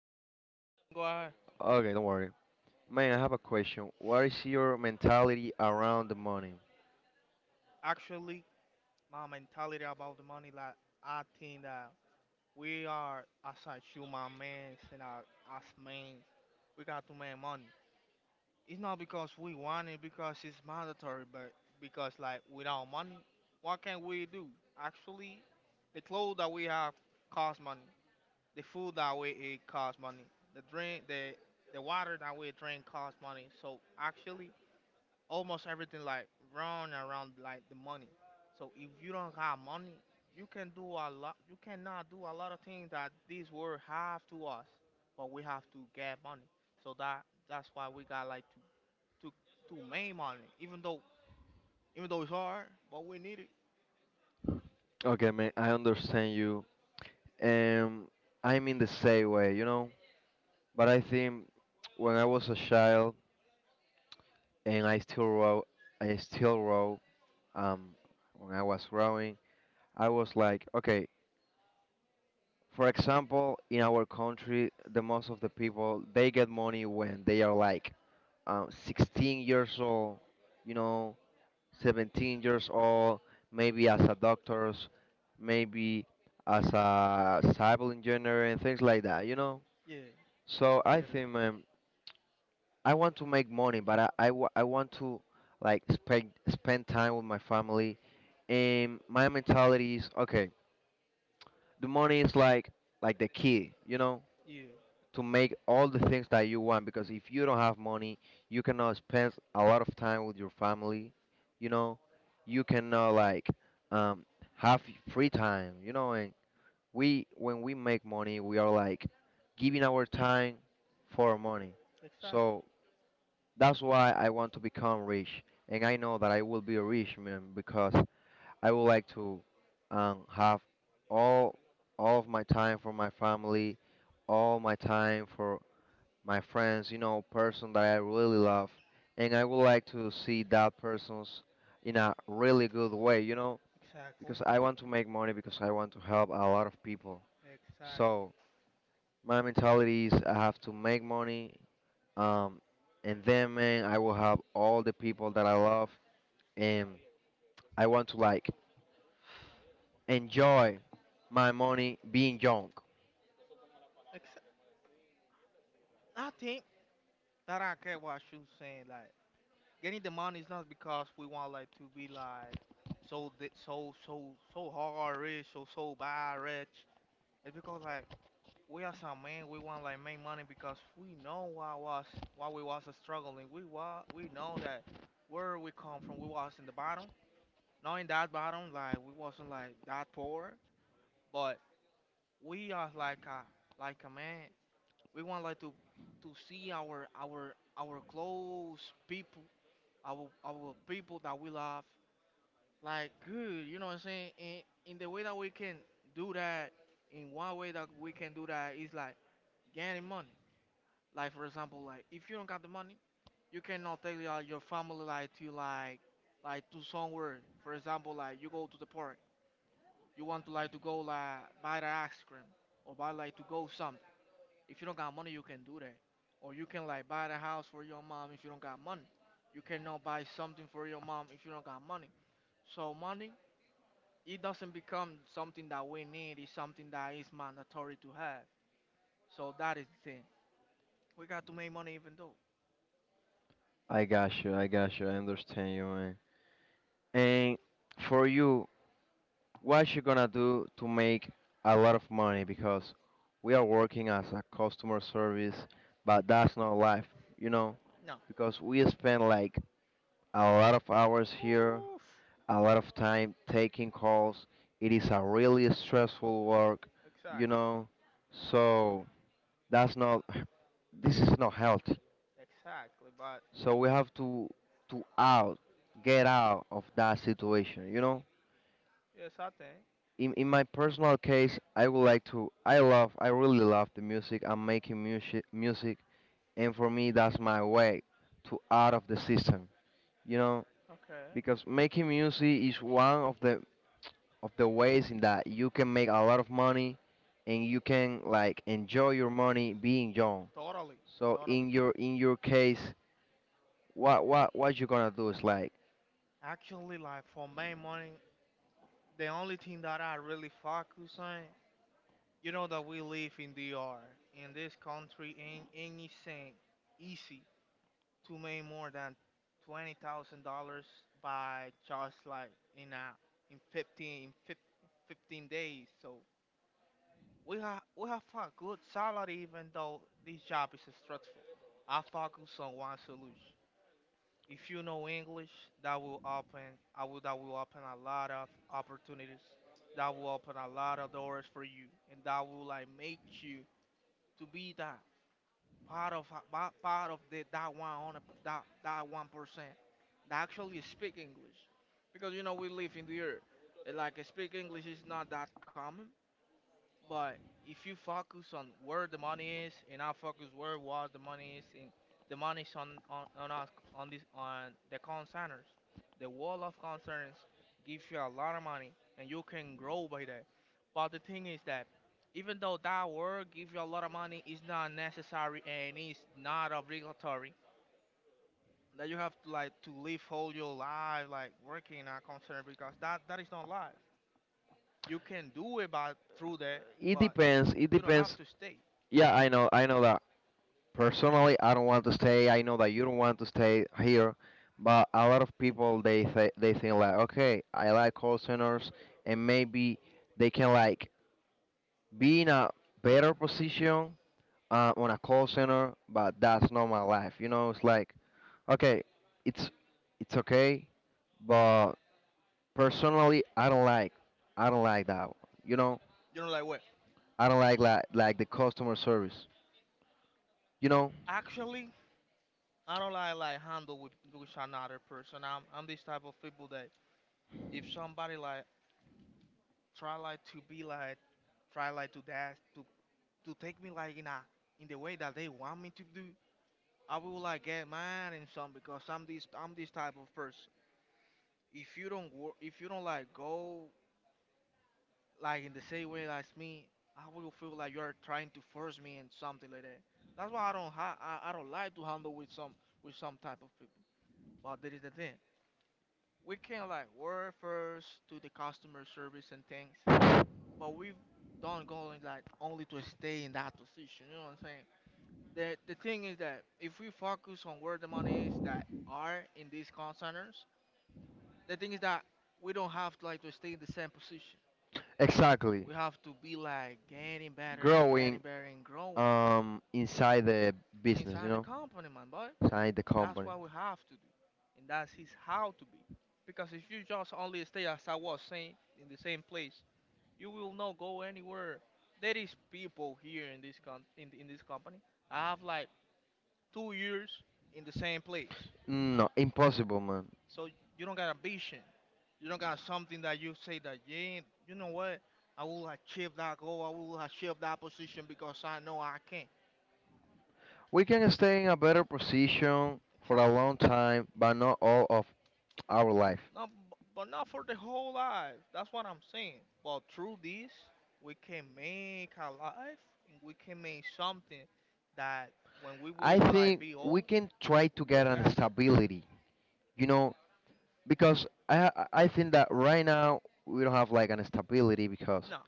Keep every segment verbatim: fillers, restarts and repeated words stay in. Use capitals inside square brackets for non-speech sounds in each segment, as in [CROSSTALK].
boy, oh, eh? We can go ahead. Okay, don't worry. Man, I have a question. What is your mentality around the money? Actually, my mentality about the money, like, I think that we are, as a human man, and a- as men, we got to make money. It's not because we want it, because it's mandatory, but because, like, without money, what can we do? Actually, the clothes that we have cost money. The food that we eat costs money. The drink, the the water that we drink costs money. So actually, almost everything like run around like the money. So if you don't have money, you can do a lot. You cannot do a lot of things that this world have to us, but we have to get money. So that that's why we got like to to to make money, even though even though it's hard, but we need it. Okay, man, I understand you. Um, I'm in the same way, you know. But I think when I was a child and I still row, I still row. Um, when I was growing, I was like, okay. For example, in our country, the most of the people they get money when they are like um, sixteen years old, you know. seventeen years old, maybe as a doctor, maybe as a civil engineer and things like that, you know? Yeah, So I I get it. think um, I want to make money, but I, I, wa- I want to like spend, spend time with my family. And my mentality is, okay, the money is like like the key, you know? Yeah, To make all the things that you want, because if you don't have money, you cannot spend a lot of time with your family. You know, you cannot like um, have free time. You know, and we when we make money, we are like giving our time for money. exactly, So that's why I want to become rich, and I know that I will be a rich man because I would like to um, have all all of my time for my family, all my time for my friends, you know, person that I really love, and I would like to see that person's in a really good way, you know, exactly, because I want to make money because I want to help a lot of people. exactly. So my mentality is I have to make money, um, and then, man, I will help all the people that I love, and I want to like enjoy my money being young. Ex- I think that I get what you're saying. Like getting the money is not because we want like to be like so di- so so so hard rich so so bad rich. It's because like we are some men we want like make money because we know what was what we was struggling. We wa we know that where we come from we was in the bottom. Knowing that bottom like we wasn't like that poor, but we are like a like a man. We want like to to see our our our close people our our people that we love like good, you know what I'm saying? And in the way that we can do that, in one way that we can do that is like getting money. Like for example, like if you don't got the money, you cannot take like, your family like to like like to somewhere. For example, like you go to the park, you want to like to go like buy the ice cream or buy like to go something. If you don't got money, you can do that. Or you can like buy the house for your mom if you don't got money. You cannot buy something for your mom if you don't got money. So money it doesn't become something that we need. It's something that is mandatory to have. So that is the thing. We got to make money even though. I got you, I got you, I understand you, man. And for you, what you gonna do to make a lot of money? Because we are working as a customer service, but that's not life, you know? No. Because we spend like a lot of hours here, Oof. a lot of time taking calls. It is a really stressful work, you Exactly. know? So that's not, [LAUGHS] this is not healthy. Exactly. But So we have to, to out, get out of that situation, you know? yes, I think. in, in my personal case, I would like to. I love. I really love the music. I'm making music, music, and for me, that's my way to out of the system. You know, Okay. because making music is one of the of the ways in that you can make a lot of money, and you can like enjoy your money being young. Totally. So Totally. in your in your case, what what what you gonna do is like Actually, like for my money, the only thing that I really focus on, you know, that we live in D R, in this country, ain't anything easy to make more than twenty thousand dollars by just like in a in fifteen in fif- fifteen days. So we have we have a good salary even though this job is stressful. I focus on one solution. If you know English, that will open I will that will open a lot of opportunities. That will open a lot of doors for you, and that will like make you to be that part of pa- part of the that one on that that one percent that actually speak English, because you know we live in the earth. Uh, Like uh, speak English is not that common, but if you focus on where the money is, and I focus where was the money is, and the money is on on on us on this on the concerns, the wall of concerns gives you a lot of money, and you can grow by that. But the thing is that even though that word gives you a lot of money, it's not necessary and it's not obligatory that you have to like to live whole your life like working in a concern because that that is not life. You can do it by through that, it but depends. It you don't have depends. to stay. Yeah, I know. I know. Personally, I don't want to stay. I know that you don't want to stay here, but a lot of people they th- they think like, okay, I like call centers, and maybe they can like be in a better position uh, on a call center, but that's not my life. You know, it's like, okay, it's it's okay, but personally, I don't like I don't like that. You know, You know, like what? I don't like like like the customer service. You know, Actually, I don't like like handle with with another person. I'm I'm this type of people that if somebody like try like to be like try like to dash to to take me like in a in the way that they want me to do, I will like get mad and some because I'm this I'm this type of person. If you don't work, if you don't like go like in the same way as me, I will feel like you're trying to force me and something like that. That's why I don't ha- I, I don't like to handle with some with some type of people. But that is the thing. We can like work first to the customer service and things, but we don't go in like only to stay in that position. You know what I'm saying? The the thing is that if we focus on where the money is that are in these call centers, the thing is that we don't have to like to stay in the same position. exactly, We have to be like getting better, growing getting better, and growing um inside the business, you inside the know, company, man. But inside the that's company. what we have to do, and that's his how to be. Because if you just only stay as I was saying in the same place, you will not go anywhere. There is people here in this con- in, in this company. I have like two years in the same place. No, impossible, man. So you don't got ambition. You don't got something that you say that yeah, you know what? I will achieve that goal. I will achieve that position because I know I can. We can stay in a better position for a Exactly. long time, but not all of our life. No, b- but not for the whole life. That's what I'm saying. But through this, we can make a life, and we can make something that when we I will like think be we old, can try we to will get an that. stability, you know, because I I I think that right now we don't have like an stability because No,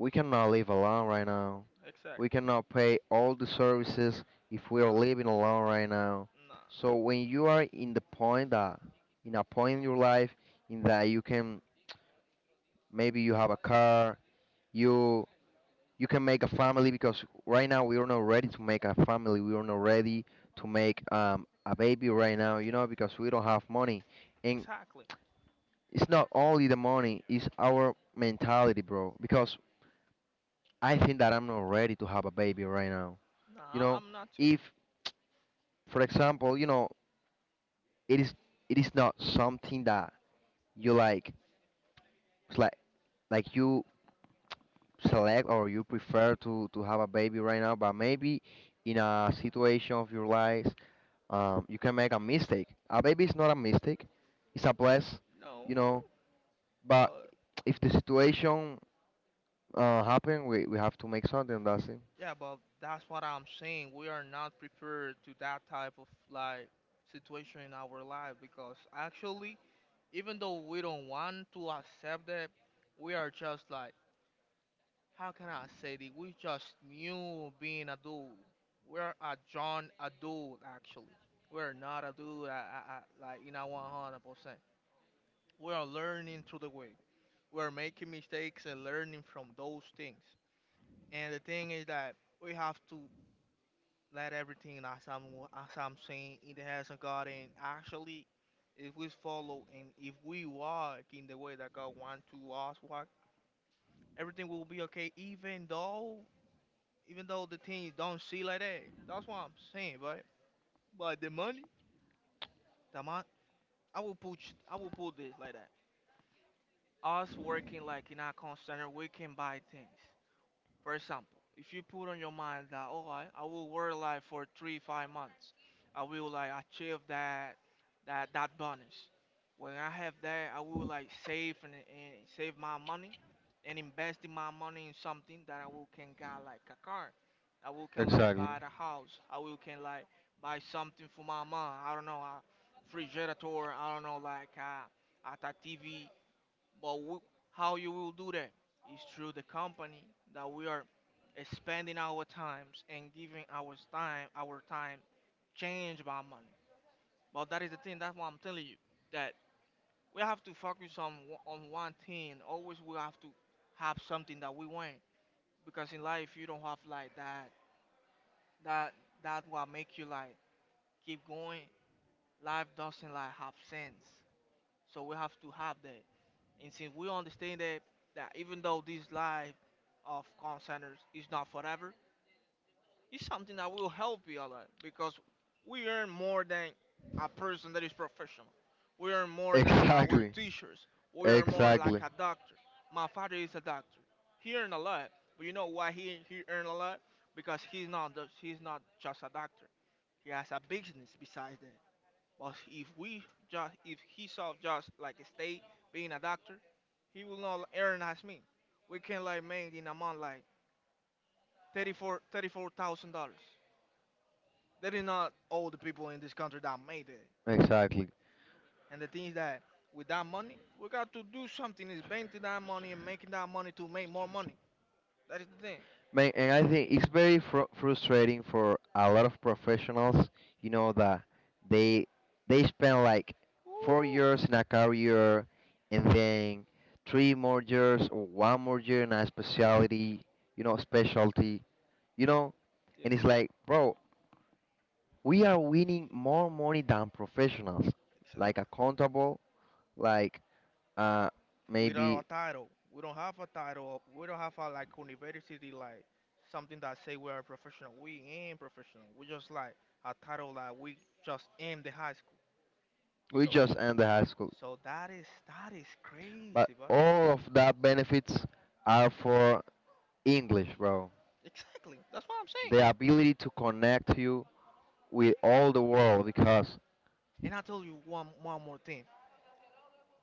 we cannot live alone right now. We exactly. cannot pay all the services if we are Nah, living alone right now. nah, So when you are in the point that in a point in your life in that you can maybe you have a car, you you can make a family because right now we are not ready to make a family. We are not ready to make um, a baby right now, you know, because we don't have money. And exactly. it's not only the money, it's our mentality, bro. Because I think that I'm not ready to have a baby right now. Nah, You no, know, I'm not too. if, for example, you know, it is it is not something that you like, it's like like you select or you prefer to to have a baby right now, but maybe in a situation of your life, um, you can make a mistake. A baby is not a mistake; it's a bless, No, you know. But but if the situation uh, happen, we we have to make something. That's it. yeah, but that's what I'm saying. We are not prepared to that type of like situation in our life because actually even though we don't want to accept it, we are just like, how can I say this? We just knew being adult. We're a John adult actually. We're not adult uh, uh, uh, like in a one hundred percent. We are learning through the way. We're making mistakes and learning from those things. And the thing is that we have to let everything as I'm as I'm saying in the hands of God and actually if we follow and if we walk in the way that God wants to us walk, everything will be okay, even though even though the team don't see like that. That's what I'm saying, right? But the money, the amount, I will put I will put this like that. Us working like in our call center, we can buy things. For example, if you put on your mind that, oh, I, I will work like for three, five months, I will like achieve that, that, that bonus. When I have that, I will like save and, and save my money and invest in my money in something that I will can get like a car. I will can like Exactly. [LAUGHS] buy the house. I will can like buy something for my mom. I don't know, a refrigerator. I don't know, like a, a T V but we, how you will do that is through the company that we are spending our times and giving our time, our time, change by money. But that is the thing. That's why I'm telling you that we have to focus on o- on one thing. Always we have to have something that we want because in life you don't have like that. That that will make you like keep going. Life doesn't like have sense. So we have to have that. And since we understand that, that even though this life of call centers is not forever, it's something that will help you a lot because we earn more than a person that is professional. We earn more than our Exactly. teachers. We earn more like Exactly. a doctor. My father is a doctor. He earned a lot, but you know why he, he earned a lot? Because he's not the, he's not just a doctor. He has a business besides that. But if we just if he saw just like stay being a doctor, he will not earn as me. We can like make in a month like thirty-four, thirty-four thousand dollars. That is not all the people in this country that made it. Exactly. And the thing is that with that money, we got to do something. Is banking that money and making that money to make more money. That is the thing. Man, and I think it's very fr- frustrating for a lot of professionals, you know, that they they spend like four Oof. years in a career and then three more years or one more year in a specialty, you know, specialty, you know, Yeah, and it's like, bro, we are winning more money than professionals, like exactly. accountable, like uh Without maybe a title. We don't have a title. We don't have a like university like something that say we are professional. We ain't professional. We just like a title that we just in the high school. we So school. just end the high school. so that is that is But crazy, bro. all of that benefits are for English, bro. Exactly. That's what I'm saying. The ability to connect you with all the world because... To And I told you one one more thing.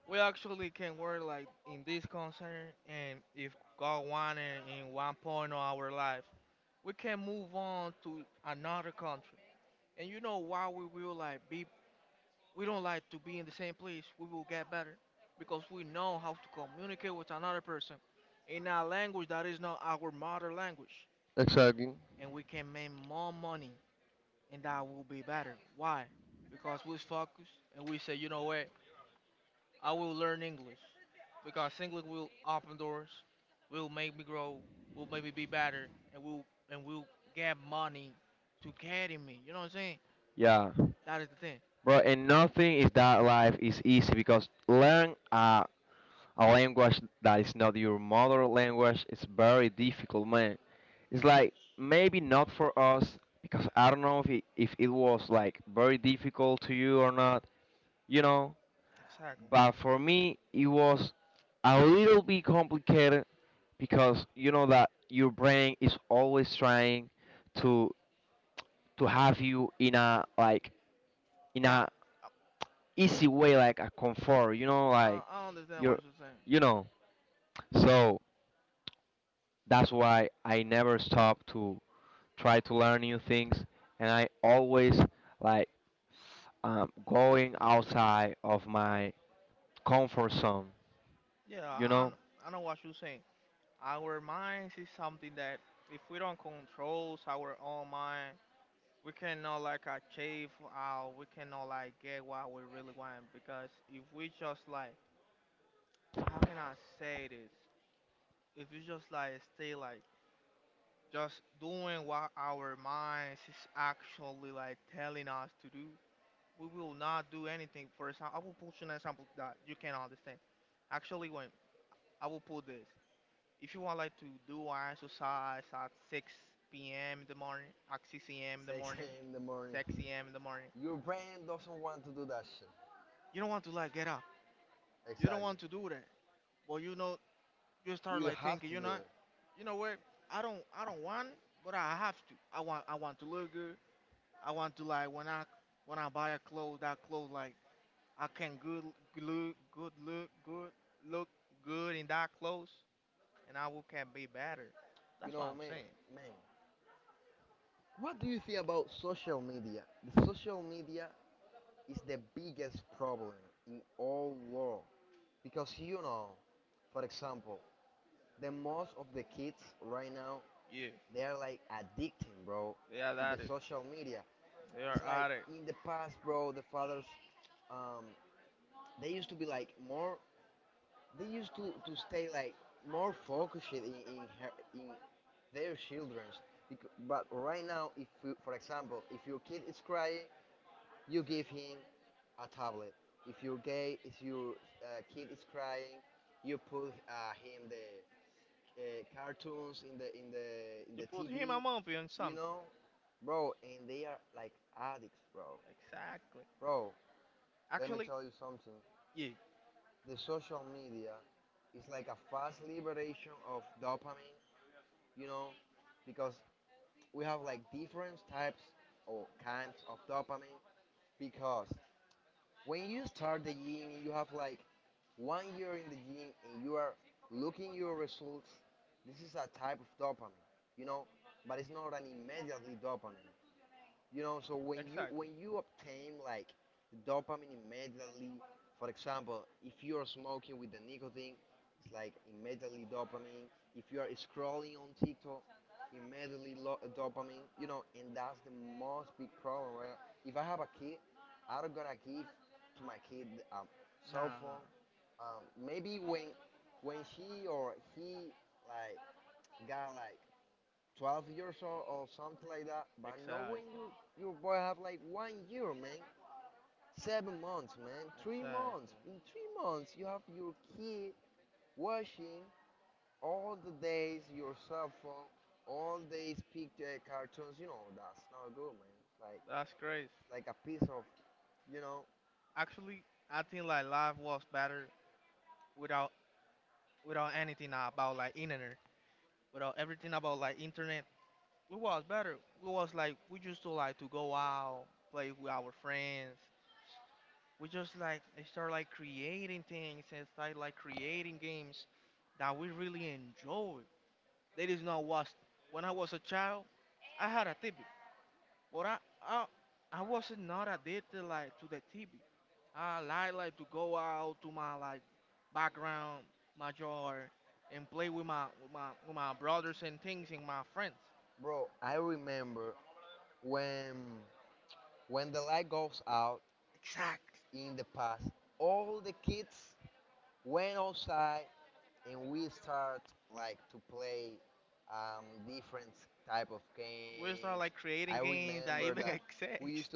We actually can work like in this concern, and if God wanted in one point of our life, we can move on to another country. And you know why we will like be, we don't like to be in the same place. We will get better because we know how to communicate with another person in a language that is not our mother language, Exactly. and we can make more money, and that will be better. Why? Because we focus and we say, you know what? I will learn English because English will open doors, will make me grow, will make me be better, and will and will get money to carry me. You know what I'm saying? Yeah, That is the thing. bro. And nothing is that life is easy because learn a, a language that is not your mother language is very difficult, man. It's like maybe not for us because I don't know if it, if it was like very difficult to you or not. You know, Exactly. but for me it was a little bit complicated because you know that your brain is always trying to to have you in a like in Yeah. a a easy way Uh, like a comfort like. you know like Uh, like I understand what you're you're saying. you know so that's why I never stop to try to learn new things and I always like um, going outside of my comfort zone Yeah, yeah, you I, know kn- I know what you're saying. Our minds is something that if we don't control our own mind, we cannot like achieve our, we cannot like get what we really want. Because if we just like, how can I say this? If we just like stay like just doing what our minds is actually like telling us to do, we will not do anything. For example, I will put you an example that you can understand. Actually, when I will put this, if you want like to do an exercise at six p m in the morning, at six a m in the morning, morning, six a m in the morning, you don't want to like get up. You don't, exactly, want to do that. But you know, you start like thinking, you know, you know what? I don't, I don't want, but I have to. I want, I want to look good. I want to like when I, when I buy a clothes, that clothes like I can good look good look good look good in that clothes, and I will can be better. That's what I'm saying. Yeah, yeah, yeah. You put him a movie on something. Exactly. Actually, yeah. Exactly. Nah, that's crazy. Actually, I think like life was better without without anything about like internet, without everything about like internet. It was better. It was like we used to like to go out, play with our friends. We just like start like creating things and start like creating games that we really enjoy. That is not what when I was a child I had a T V, but I I, I wasn't not addicted like to the T V. I like like to go out to my like background, my yard, and play with my with my with my brothers and things and my friends. Exactly. We're not like creating games that like even [LAUGHS] we need exist. Used.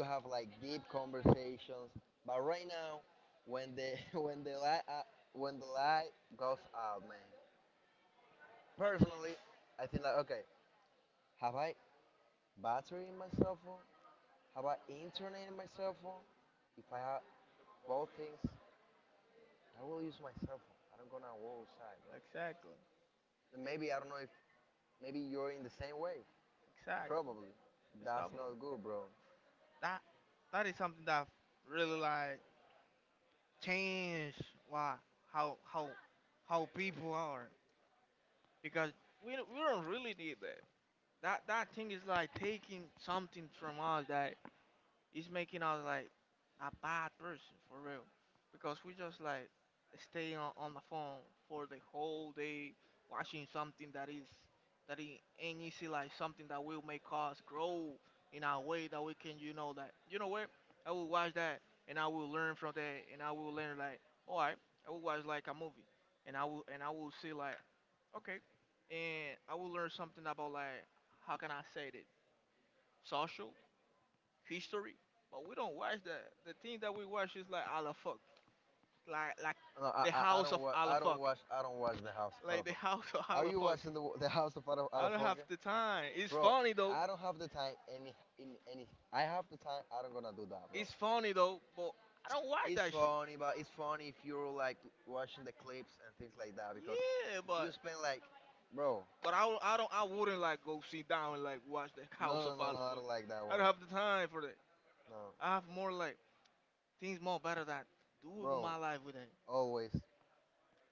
Exactly. Exactly. Stop it, bro. That that is something that really like changed why how how how people are, because we don't- we don't really need that. That that thing is like taking something from us that it's making us like a bad person for real, because we just like staying on, on the phone for the whole day, watching something that is that i- ain't easy, like something that will make us grow in a way that we can, you know, that you know what, I will watch that and I will learn from that and I will learn like, all right, I will watch like a movie and I will and I will see like, okay, and I will learn something about like how can I say it, social history, but we don't watch that. The thing that we watch is like Alafuk, like like the House of Alafuk, like the House of Alafuk. I don't have the time. It's funny though. It's funny though, but I don't watch that shit. Yeah, but but I, don't- I don't I wouldn't like go sit down and like watch the House of Alafuk. I don't have the time for that. I have more like things more better that do with my life with it.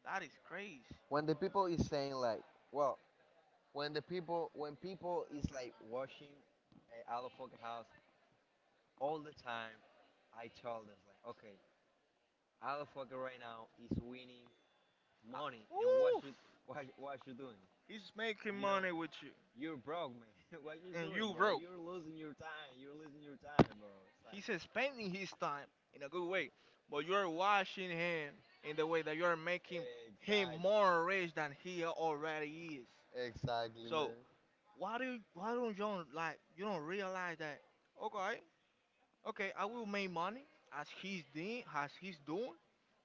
That is crazy. I, oof. He's making money with you. You're, man, [LAUGHS] and you broke, losing your time. He's spending his time in a good way. But you're watching him in the way that you're making him more rich than he already is. So why do you, why don't you like, you don't realize that? Okay, okay, I will make money as he's doing, as he's doing,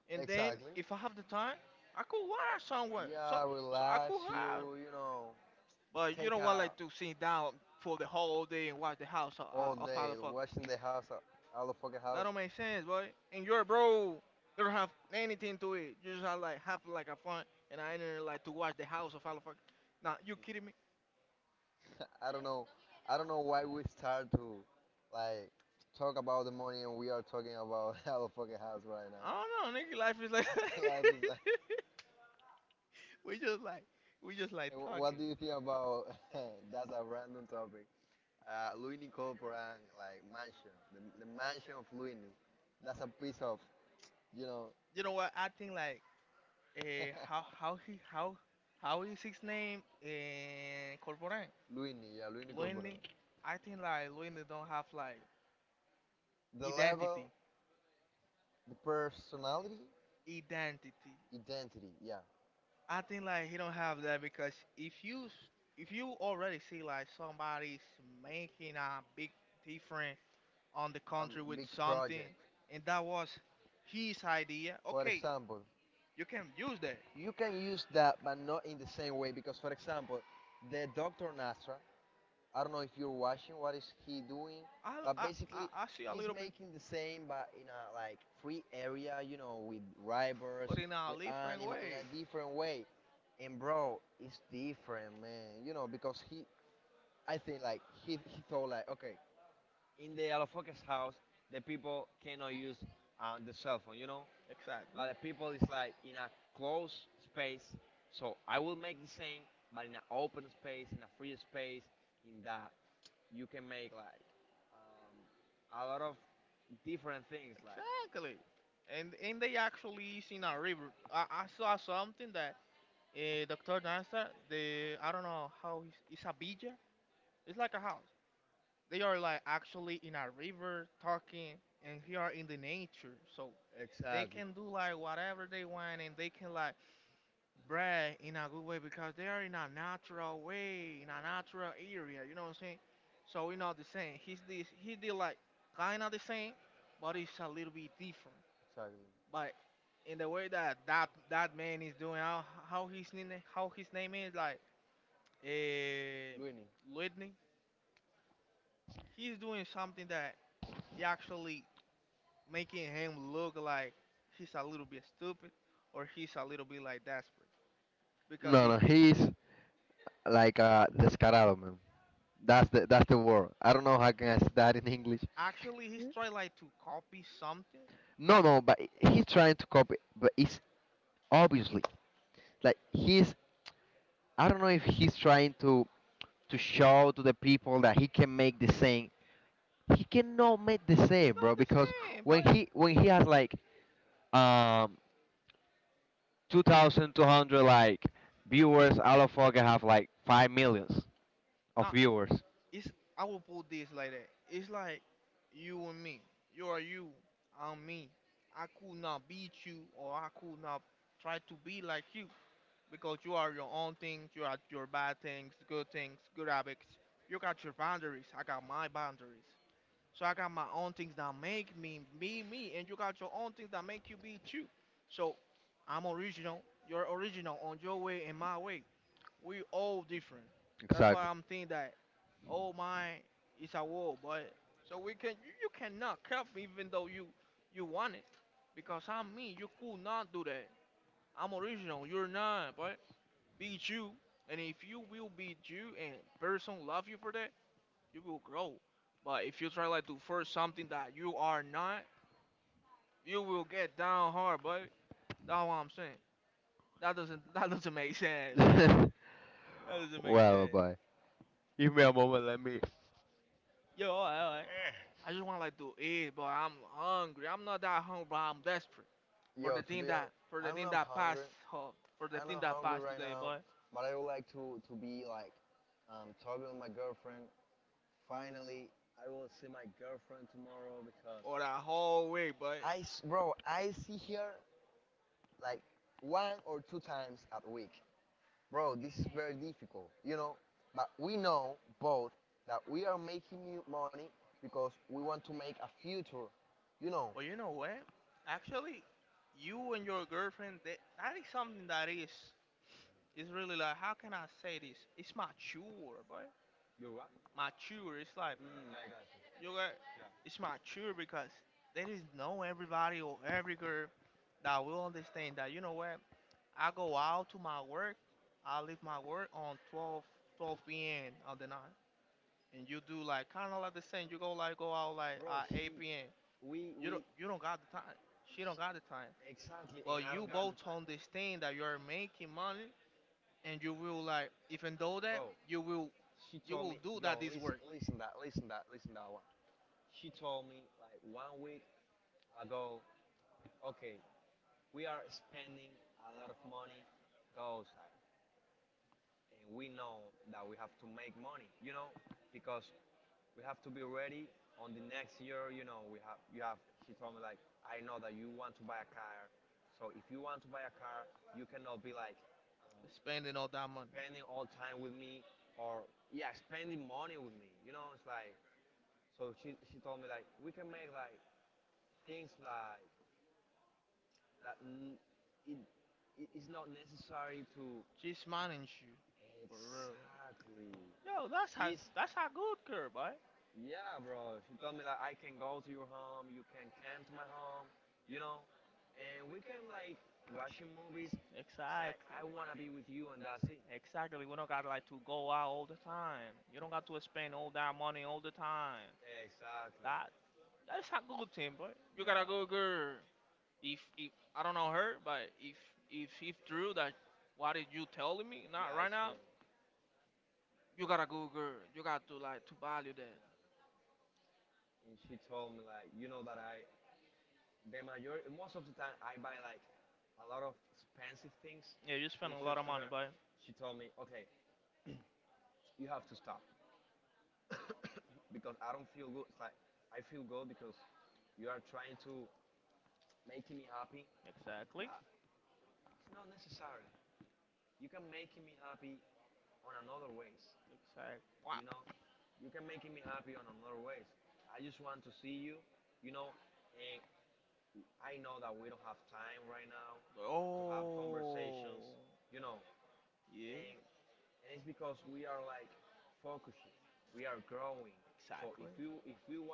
and then if I have the time, I could watch somewhere. So so I could have. But you don't want like to sit down for the whole day and watch the house of, of other fuckers. That don't make sense, boy. And you're a bro. You don't have anything to it. You just have like have like a fun and I didn't like to watch the house of other fuckers. Nah, you kidding me? I don't know, nigga. Life is like [LAUGHS] we just like we just like talking. You know what? I think like Uh, how how he how how is his name? Uh, Corporan. Luini. I think like Luini don't have like identity. Identity. I think like he don't have that because if you s- if you already see like somebody's making a big difference on the country with something, and that was his idea. Okay, you can use that. I, I, I, basically, I see a little bit, but in a different way. Exactly. Exactly. And and they actually is in a river. I, I saw something that uh, Doctor Nasser, the, I don't know how he's, it's a villa. It's like a house. They are like actually in a river talking and here are in the nature. So they, exactly, can do like whatever they want and they can like, bruh, in a good way because they are in a natural way, in a natural area, you know what I'm saying? So we are not the same. He's this he did like kinda the same, but it's a little bit different. But in the way that that, that man is doing, how how his name how his name is like uh Whitney, he's doing something that he actually making him look like he's a little bit stupid or he's a little bit like desperate. Because no, he, no, he's like uh descarado, man. That's the that's the word. I don't know how can I say that in English. actually, he's trying like to copy something. No, no, but he's trying to copy, but it's obviously like he's I don't know if he's trying to to show to the people that he can make the same. He cannot make the It's same, not bro, the because same, when but he when he has like um two thousand two hundred like viewers, all of fucking have like five millions of uh, viewers. it's I will put this like that. It's like you and me. You are you. I'm me. I could not beat you or I could not try to be like you because you are your own things, you are your bad things, good things, good habits. You got your boundaries, I got my boundaries. So I got my own things that make me me me and you got your own things that make you be you. So I'm original, you're original on your way and my way. We all different. That's why Exactly. I'm thinking that, oh my, it's a war, but so we can you, you cannot help me even though you you want it, because I'm me. You could not do that. I'm original. You're not, but be you. And if you will be you and person love you for that, you will grow. But if you try like to force something that you are not, you will get down hard, but that's what I'm saying. That doesn't [LAUGHS] that doesn't make sense, but [LAUGHS] Give that doesn't make sense. me a moment, let me Yo, alright, alright. I just want like to eat, but I'm hungry. I'm not that hungry, but I'm desperate for the thing that for the thing that passed, huh, for the thing that passed today, but or that whole week, but But you know what? Actually, you and your girlfriend, that, that is something that is, it's really like how can I say this? It's mature, boy. Mature. It's like you got. It's mature because there is no everybody or every girl that will understand that. You know what? I go out to my work. I leave my work on twelve twelve p m on the night, and you do like kind of like the same. You go like go out like at eight p m. You don't you don't got the time. She don't got the time. But you both understand that you are making money, and you will like even though that you will you will do that this work, spending all that money. Just manage you, for real. Yo, that's how that's how good girl, boy. Ex- ex- we don't got like to go all the time. You don't got to spend all that all the time. That that's how good team, boy. You got, if if I don't know her, but if if if true that what did you telling me? Not right now. You got a good girl. Yeah, too- yeah, you spend a lot of money, boy. Exactly. Exactly. Wow. Oh. Yeah. So, exactly, if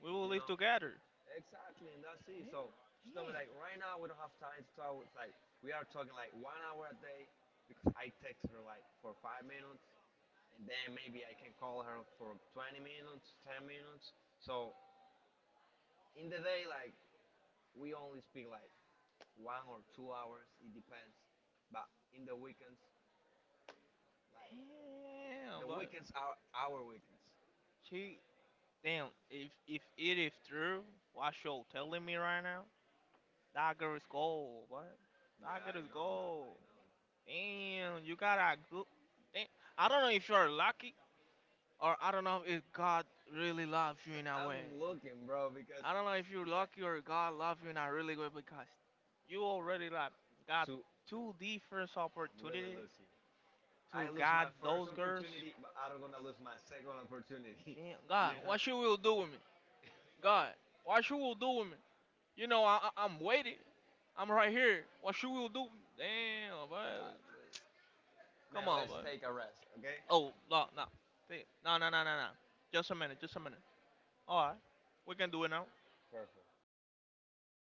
we will live together. Yeah, so yeah. Damn, but weekends. She, damn. If if it is true, what you telling me right now? That girl is gold. What? Yeah, That girl I is know, I gold. I know. Damn, you got a good. Damn. I don't know if you're lucky Or I don't know if God really loves you in a way. I'm I don't know if you're lucky or God loves you in a really way because you already like got two different look, look, opportunities to to God those girls. Damn, You God, You what you will do with me? God, what you will do with me? You know, I, I, I'm waiting. I'm right here. What you will do? Damn, bud. Come on, bud. Oh, no, no. Take- No, no, no, no, no. Just a minute, just a minute. All right, we can do it now.